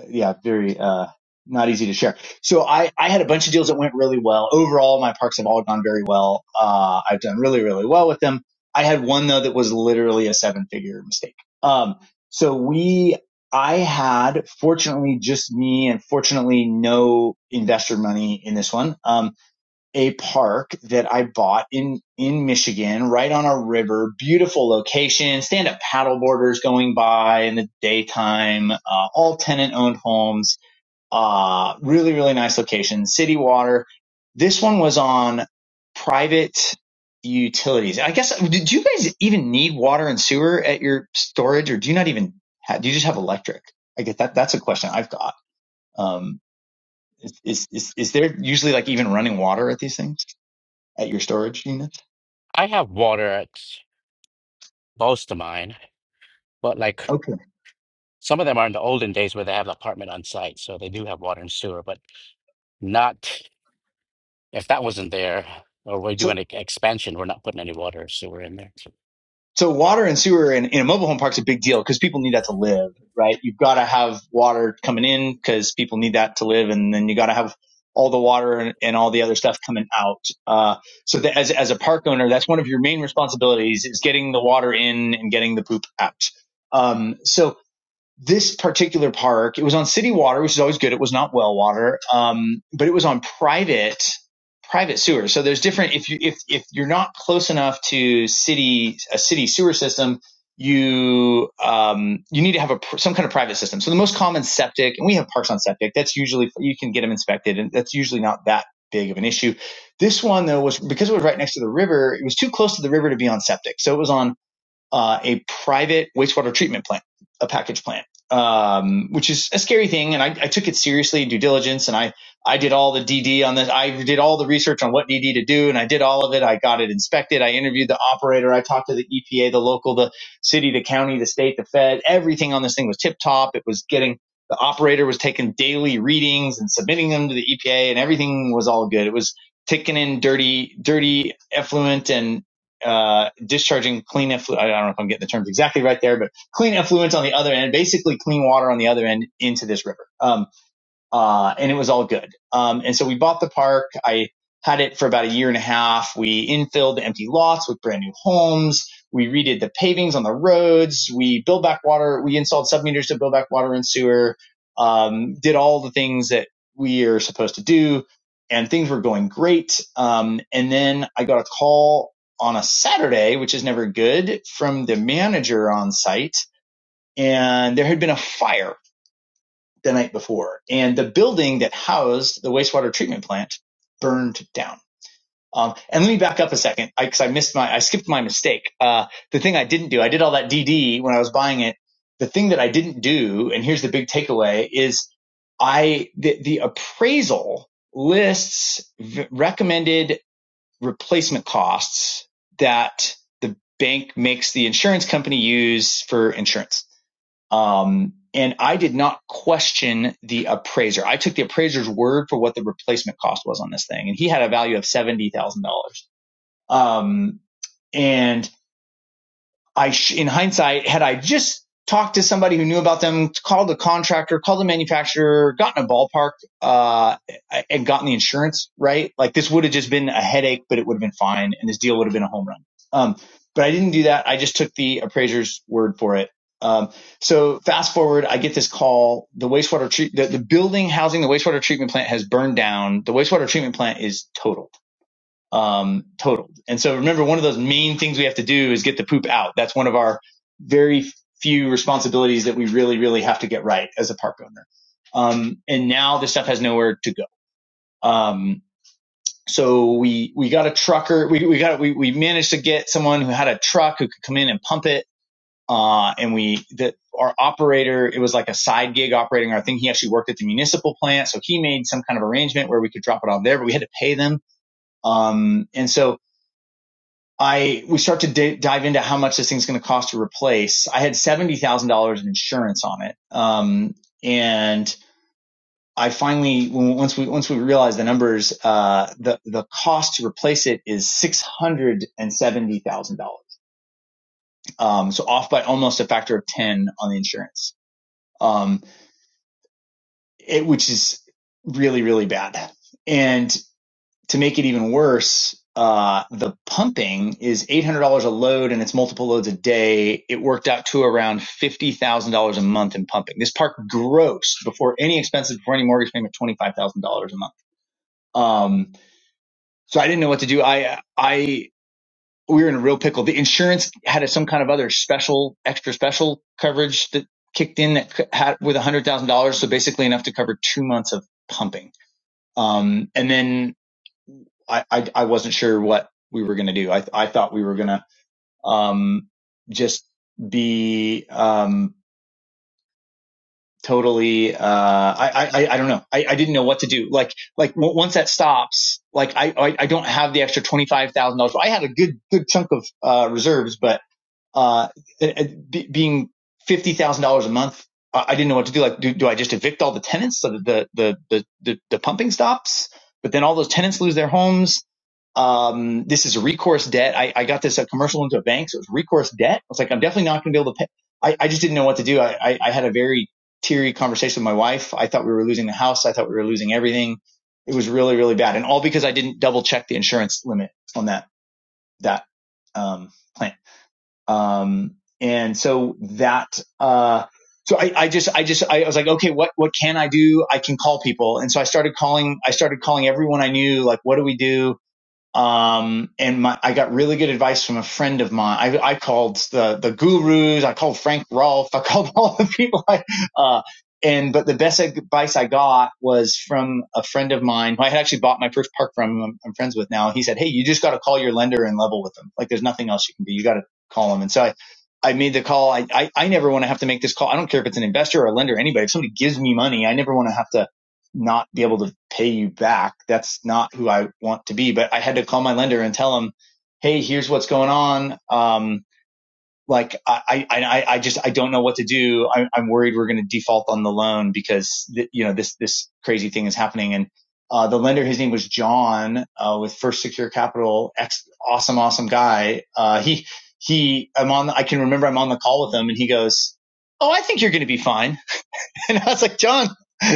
yeah, very uh, not easy to share. So I I had a bunch of deals that went really well. Overall, my parks have all gone very well. Uh, I've done really really well with them. I had one though that was literally a seven figure mistake. Um, so we I had fortunately just me and fortunately no investor money in this one. Um, a park that I bought in in Michigan, right on a river, beautiful location, stand up paddleboarders going by in the daytime, uh, all tenant owned homes, uh, really really nice location, city water. This one was on private utilities. I guess do you guys even need water and sewer at your storage, or do you not even have, do you just have electric? I get that. That's a question I've got. Um, is, is is is there usually like even running water at these things? at your storage unit?
I have water at most of mine, but like
Okay.
some of them are in the olden days where they have the apartment on site, so they do have water and sewer, but not. If that wasn't there, or we're
So
doing an expansion, we're not putting any water or sewer in there.
so water and sewer in, in a mobile home park is a big deal because people need that to live, right? You've got to have water coming in because people need that to live, and then you got to have all the water and, and all the other stuff coming out. Uh, so that as as a park owner, that's one of your main responsibilities is getting the water in and getting the poop out. Um, so this particular park, it was on city water, which is always good. It was not well water, um, but it was on private private sewer. So there's different if you if if you're not close enough to city a city sewer system, you um, you need to have a some kind of private system. So the most common septic, and we have parks on septic. That's usually you can get them inspected, and that's usually not that big of an issue. This one though was because it was right next to the river. It was too close to the river to be on septic, so it was on uh, a private wastewater treatment plant, a package plant, um, which is a scary thing. And I, I took it seriously, due diligence, and I I did all the DD on this. I did all the research on what DD to do, and I did all of it. I got it inspected. I interviewed the operator. I talked to the EPA, the local, the city, the county, the state, the Fed. Everything on this thing was tip top. It was getting. The operator was taking daily readings and submitting them to the EPA, and everything was all good. It was taking in dirty, dirty effluent and uh, discharging clean effluent. I don't know if I'm getting the terms exactly right there, but clean effluents on the other end, basically clean water on the other end into this river. Um, uh, and it was all good. Um, and so we bought the park. I had it for about a year and a half. We infilled the empty lots with brand new homes. We redid the pavings on the roads. We built back water. We installed submeters to build back water and sewer. Um, did all the things that we are supposed to do, and things were going great. Um, and then I got a call on a Saturday, which is never good, from the manager on site, and there had been a fire the night before, and the building that housed the wastewater treatment plant burned down. Um, and let me back up a second because I, I missed my, I skipped my mistake. Uh, the thing I didn't do, I did all that DD when I was buying it. The thing that I didn't do, and here's the big takeaway, is I the, the appraisal lists v- recommended replacement costs that the bank makes the insurance company use for insurance. Um, and I did not question the appraiser. I took the appraiser's word for what the replacement cost was on this thing, and he had a value of seventy thousand dollars. Um, and I, sh- in hindsight, had I just talked to somebody who knew about them, called the contractor, called the manufacturer, gotten a ballpark, uh, and gotten the insurance, right? Like this would have just been a headache, but it would have been fine. And this deal would have been a home run. Um, but I didn't do that. I just took the appraiser's word for it. Um, so fast forward, I get this call. The wastewater treat, the, the building housing the wastewater treatment plant has burned down. The wastewater treatment plant is total um, totaled. And so remember, one of those main things we have to do is get the poop out. That's one of our very few responsibilities that we really, really have to get right as a park owner. Um, and now this stuff has nowhere to go. Um, so we, we got a trucker. We, we got, we, we managed to get someone who had a truck who could come in and pump it. Uh, and we, that our operator, it was like a side gig operating our thing. He actually worked at the municipal plant. So he made some kind of arrangement where we could drop it on there, but we had to pay them. Um, and so I we start to d- dive into how much this thing's going to cost to replace. I had seventy thousand dollars in insurance on it, um, and I finally once we once we realized the numbers, uh, the the cost to replace it is six hundred and seventy thousand dollars. Um, so off by almost a factor of ten on the insurance, um, it, which is really really bad. And to make it even worse, uh, the pumping is eight hundred dollars a load, and it's multiple loads a day. It worked out to around fifty thousand dollars a month in pumping. This park grossed before any expenses, before any mortgage payment, twenty five thousand dollars a month. Um, so I didn't know what to do. I I we were in a real pickle. The insurance had some kind of other special, extra special coverage that kicked in that had with one hundred thousand dollars, so basically enough to cover two months of pumping. Um, and then I, I, I wasn't sure what we were going to do. I, I thought we were going to, um, just be, um, totally, uh, I, I, I don't know. I, I didn't know what to do. Like, like w- once that stops, like I, I, I don't have the extra $25,000. I had a good, good chunk of, uh, reserves, but, uh, it, it, be, being $50,000 a month, I, I didn't know what to do. Like, do, do I just evict all the tenants so that the, the, the, the, the pumping stops? But then all those tenants lose their homes um, this is a recourse debt. I, I got this at commercial loan to a bank, so it was recourse debt. I was like, I'm definitely not going to be able to pay. I, I just didn't know what to do. I, I, I had a very teary conversation with my wife. I thought we were losing the house. I thought we were losing everything. It was really, really bad. And all because I didn't double check the insurance limit on that, that, um, plan. Um, and so that, uh, so I, I just, I just, I was like, okay, what, what can I do? I can call people. And so I started calling, I started calling everyone I knew, like, what do we do? Um, and my, I got really good advice from a friend of mine. I, I called the, the gurus, I called Frank Rolf, I called all the people. I, uh, and, but the best advice I got was from a friend of mine who I had actually bought my first park from, I'm, I'm friends with now. He said, Hey, you just got to call your lender and level with them. Like there's nothing else you can do. You got to call them. And so I, I made the call. I, I, I never want to have to make this call. I don't care if it's an investor or a lender, or anybody. If somebody gives me money, I never want to have to not be able to pay you back. That's not who I want to be. But I had to call my lender and tell him, Hey, here's what's going on. Um, like I, I, I just, I don't know what to do. I, I'm worried we're going to default on the loan because, th- you know, this, this crazy thing is happening. And, uh, the lender, his name was John, uh, with First Secure Capital. Ex, awesome, awesome guy. Uh, he, he, I'm on, I can remember I'm on the call with him and he goes, Oh, I think you're going to be fine. And I was like, John,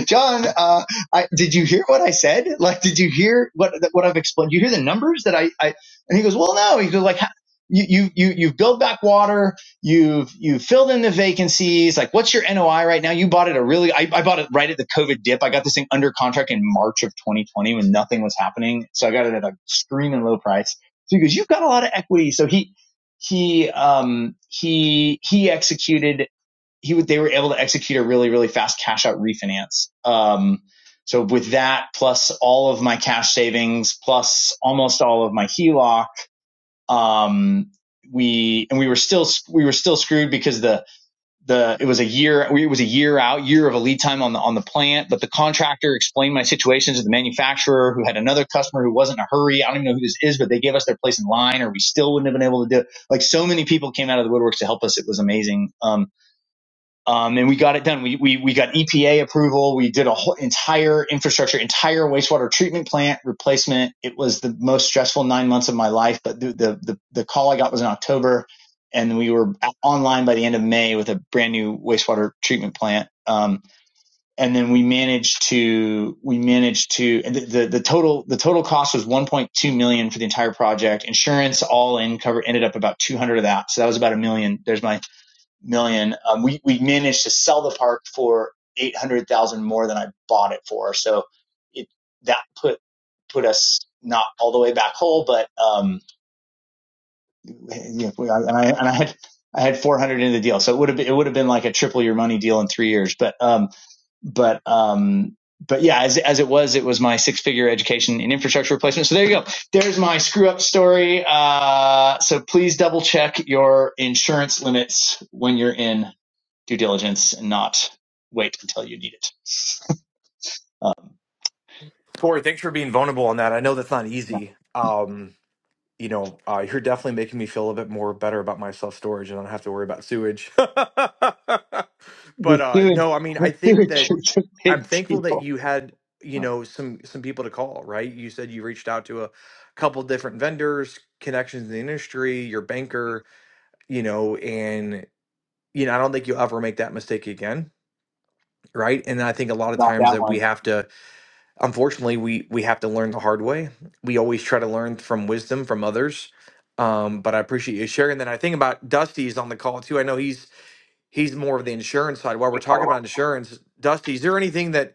John, uh, I, did you hear what I said? Like, did you hear what what I've explained? You hear the numbers that I, I and he goes, well, no. He goes like, you you you you've built back water. You've you filled in the vacancies. Like, what's your NOI right now? You bought it a really, I, I bought it right at the COVID dip. I got this thing under contract in March of 2020 when nothing was happening, so I got it at a screaming low price. So he goes, you've got a lot of equity. So he he um he he executed he would, they were able to execute a really, really fast cash out refinance. Um, so with that, plus all of my cash savings, plus almost all of my HELOC, um, we and we were still we were still screwed because the the it was a year we- it was a year out year of a lead time on the on the plant but the contractor explained my situation to the manufacturer who had another customer who wasn't in a hurry i don't even know who this is but they gave us their place in line or we still wouldn't have been able to do it like so many people came out of the woodworks to help us it was amazing um, um, and we got it done. We, we, we got EPA approval. We did a whole entire infrastructure, entire wastewater treatment plant replacement. It was the most stressful nine months of my life, but the, the, the, the call I got was in October and we were online by the end of May with a brand new wastewater treatment plant. Um, and then we managed to, we managed to, the, the, the total, the total cost was 1.2 million for the entire project. Insurance all in cover ended up about 200 of that. So that was about a million. There's my million. Um, we we managed to sell the park for eight hundred thousand more than I bought it for. So it that put put us not all the way back whole, but um, yeah, we, and I and I had I had four hundred in the deal, so it would have been, it would have been like a triple your money deal in three years. But um, but um, but yeah, as as it was, it was my six figure education and infrastructure replacement. So there you go. There's my screw up story. Uh, so please double check your insurance limits when you're in due diligence and not wait until you need it. Um,
Corey, thanks for being vulnerable on that. I know that's not
yeah.
easy. Um, you know, uh, you're definitely making me feel a bit more better about my self storage and I don't have to worry about sewage. but
The
uh,
sewage,
no, I mean, I
the
think
sewage
that
is a
I'm
big
thankful that
deal.
you had, you
Uh,
know, some some people to call, right? You said you reached out to a couple different vendors, connections in the industry, your banker, you know, and you know, I don't think you'll ever make that mistake again, right? And I think a lot of
Not
times
that
that
one.
we have to unfortunately we we have to learn the hard way we always try to learn from wisdom from others um, but i appreciate you sharing that i think about dusty is on the call too i know he's he's more of the insurance side. While we're talking about insurance, Dusty, is there anything that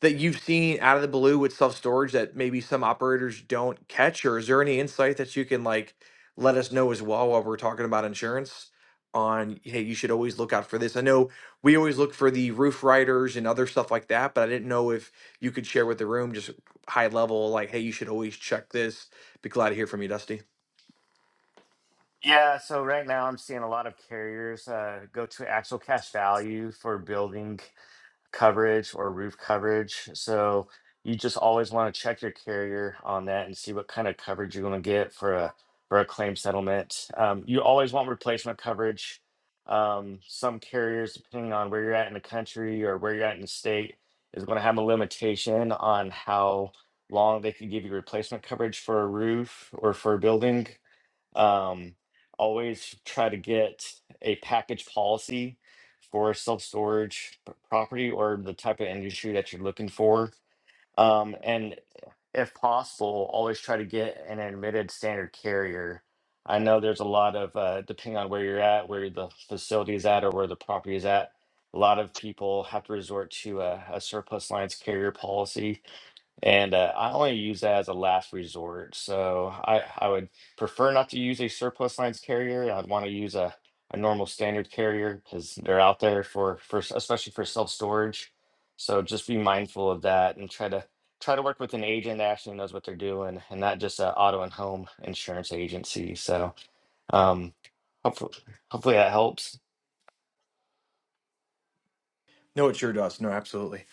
that you've seen out of the blue with self storage that maybe some operators don't catch, or is there any insight that you can like let us know as well while we're talking about insurance? On hey, you should always look out for this. I know we always look for the roof riders and other stuff like that, but I didn't know if you could share with the room just high level, like hey, you should always check this. Be glad to hear from you, Dusty.
Yeah, so right now I'm seeing a lot of carriers uh, go to actual cash value for building. coverage or roof coverage. So you just always want to check your carrier on that and see what kind of coverage you're going to get for a for a claim settlement. Um, you always want replacement coverage. Um, some carriers, depending on where you're at in the country or where you're at in the state, is going to have a limitation on how long they can give you replacement coverage for a roof or for a building. Um, always try to get a package policy for self storage property or the type of industry that you're looking for. Um, and if possible, always try to get an admitted standard carrier. I know there's a lot of, uh, depending on where you're at, where the facility is at, or where the property is at, a lot of people have to resort to a, a surplus lines carrier policy and uh, I only use that as a last resort. So I, I would prefer not to use a surplus lines carrier. I'd want to use a, a normal standard carrier because they're out there for, for s- especially for self-storage. So just be mindful of that and try to try to work with an agent that actually knows what they're doing and not just an auto and home insurance agency. So um, hopefully, hopefully that helps.
No, it's your Dust. No, absolutely.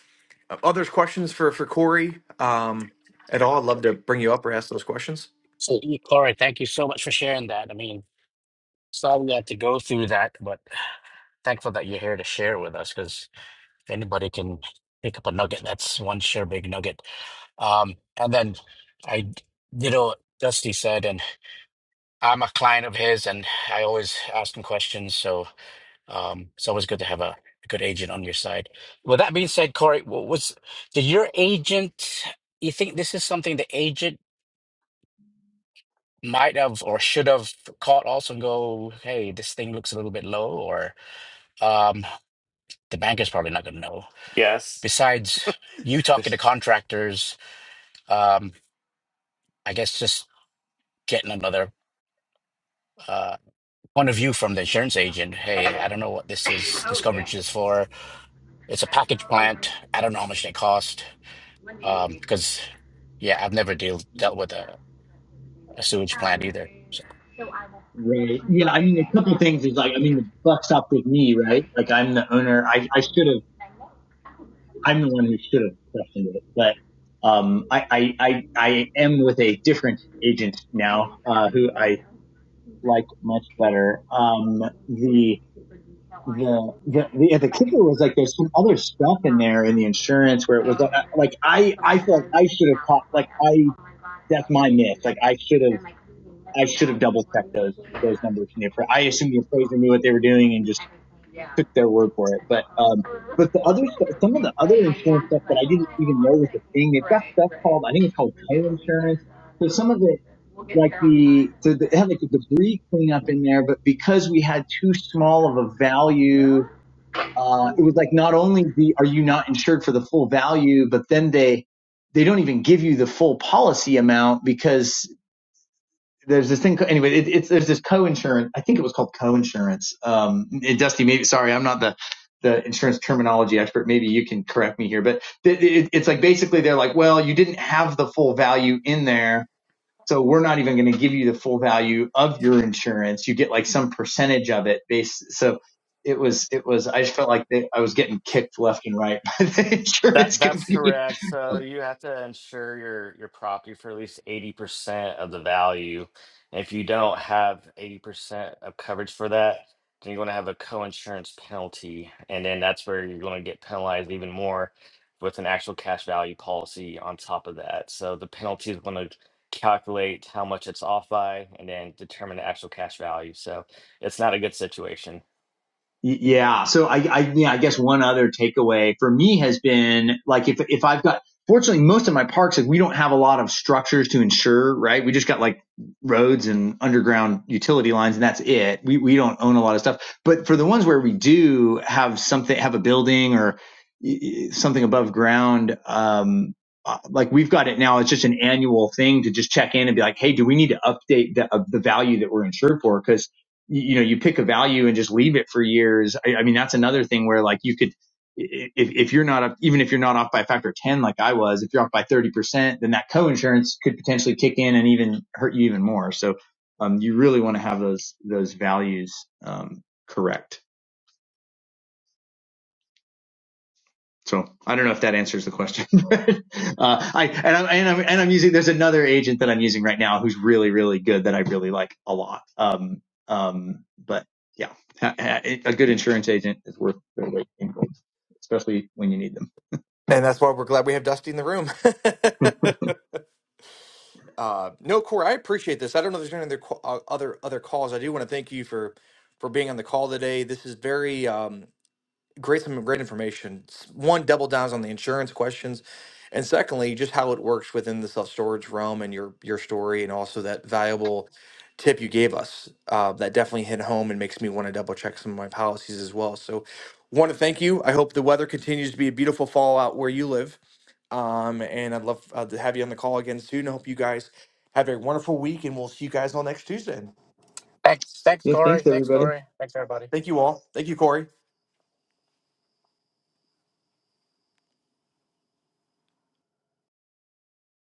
Others questions for for Corey um, at all? I'd love to bring you up or ask those questions.
So, yeah, Corey, thank you so much for sharing that. I mean, sorry we had to go through that, but thankful that you're here to share with us because if anybody can pick up a nugget, that's one sure big nugget. Um, and then I did what Dusty said, and I'm a client of his, and I always ask him questions. So Um, it's always good to have a, a good agent on your side. With that being said, Corey, what was did your agent? You think this is something the agent might have or should have caught also and go, "Hey, this thing looks a little bit low," or um, the banker's probably not going to know.
Yes.
Besides you talking to contractors, um, I guess just getting another uh, point of view from the insurance agent. Hey, I don't know what this is. This
Oh, yeah.
coverage is for. It's a package
all
plant.
over.
I don't know how much they cost
When do you
Um,
leave?
because yeah, I've never deal dealt with
Yeah.
a, a sewage plant
Um,
either. So
so I will pre at
Right.
clinic on
Yeah. I mean, a
Thursday. I fly
couple
out
things is
Thursday
like, I
night.
mean, the buck stopped with me, right?
And so
Like, I'm the owner. I, I
you'll
should
meet
have,
me "Oh, I
I'm the one who should have questioned it, but, um, I, I, I, I am with a different agent now,
was
uh, who
telling Jim
I
though, he's like,
like much
he's
better.
like,
Um,
he's an engineer,
the,
like super detail
the the
oriented,
the,
Yeah.
yeah, the
but
kicker
he's
was like there's some other
like
stuff in
not
there in the
time
insurance where
oriented.
it was
Oh.
like, like I
So like
I
as
feel like
I was
I
getting
should
him
have
out this
caught
morning,
like
I was like,
I
oh my gosh,
that's
how can
my
can do
myth
this,
like I should
because
have
I'm like leaving this
I
and
should
that
have double
morning
checked those
routine.
those
Yeah.
numbers from the
I
appra- I
gotta leave
assumed
him
the
this
appraiser
off.
knew what
He
they were
can try to
doing
do
and just
everything. Yeah.
took their
just,
word
Like
for it
an
but
hourly.
um but
Whereas
the other stuff some of the other
my dad
insurance
was
stuff that
like,
I
oh,
didn't even
I'll
know
do
was
what I
a
can.
thing they've got
Right,
stuff
right.
called I think it's called
We'll get what we can
co-insurance
done
so
and
some of the
we'll get
like
there on time.
the, the, the they had like a debris cleanup in there but because we had too small of a
Thank you,
value
sir.
uh, it was like not only the are you not insured for the full value, but then they they don't even give you the full policy amount because there's this thing anyway. It, it's there's this co-insurance. I think it was called co-insurance. Um, and Dusty, maybe sorry, I'm not the the insurance terminology expert. Maybe you can correct me here, but th- it, it's like basically they're like, well, you didn't have the full value in there so we're not even going to give you the full value of your insurance. You get like some percentage of it based. So it was, it was, I just felt like they, I was getting kicked left and right by the
That
insurance
that's
company.
correct. So you have to insure your your property for at least 80% of the value. And if you don't have 80% of coverage for that, then you're going to have a co-insurance penalty. And then that's where you're going to get penalized even more with an actual cash value policy on top of that. So the penalty is going to calculate how much it's off by and then determine the actual cash value. So it's not a good situation.
Yeah. So I, I, yeah, I guess one other takeaway for me has been like, if, if I've got, fortunately, most of my parks, like we don't have a lot of structures to insure, right? We just got like roads and underground utility lines and that's it. We, we don't own a lot of stuff, but for the ones where we do have something, have a building or something above ground, um, uh, like we've got it now. It's just an annual thing to just check in and be like, Hey, do we need to update the, of the value that we're insured for? because you, you know, you pick a value and just leave it for years. I, I mean, that's another thing where like you could, if, if you're not up, even if you're not off by a factor of 10, like I was, if you're off by 30%, then that co-insurance could potentially kick in and even hurt you even more. So, um, you really want to have those, those values, um, correct. So I don't know if that answers the question. but, uh, I and I'm, and I'm and I'm using there's another agent that I'm using right now who's really really good that I really like a lot. Um, um, but yeah, ha- ha- a good insurance agent is worth their weight in gold, especially when you need them.
And that's why we're glad we have Dusty in the room. uh, no, Corey, I appreciate this. I don't know if there's any other ca- uh, other other calls. I do want to thank you for for being on the call today. This is very. Um, great some great information. S- One, double downs on the insurance questions, and secondly, just how it works within the self storage realm and your your story, and also that valuable tip you gave us uh, that definitely hit home and makes me want to double check some of my policies as well. So, want to thank you. I hope the weather continues to be a beautiful fall out where you live, um, and I'd love uh, to have you on the call again soon. I hope you guys have a wonderful week, and we'll see you guys all next Tuesday.
Thanks, thanks,
Yeah,
Corey.
thanks
Thanks,
everybody.
Corey. Thanks, everybody.
Thank you all. Thank you, Corey.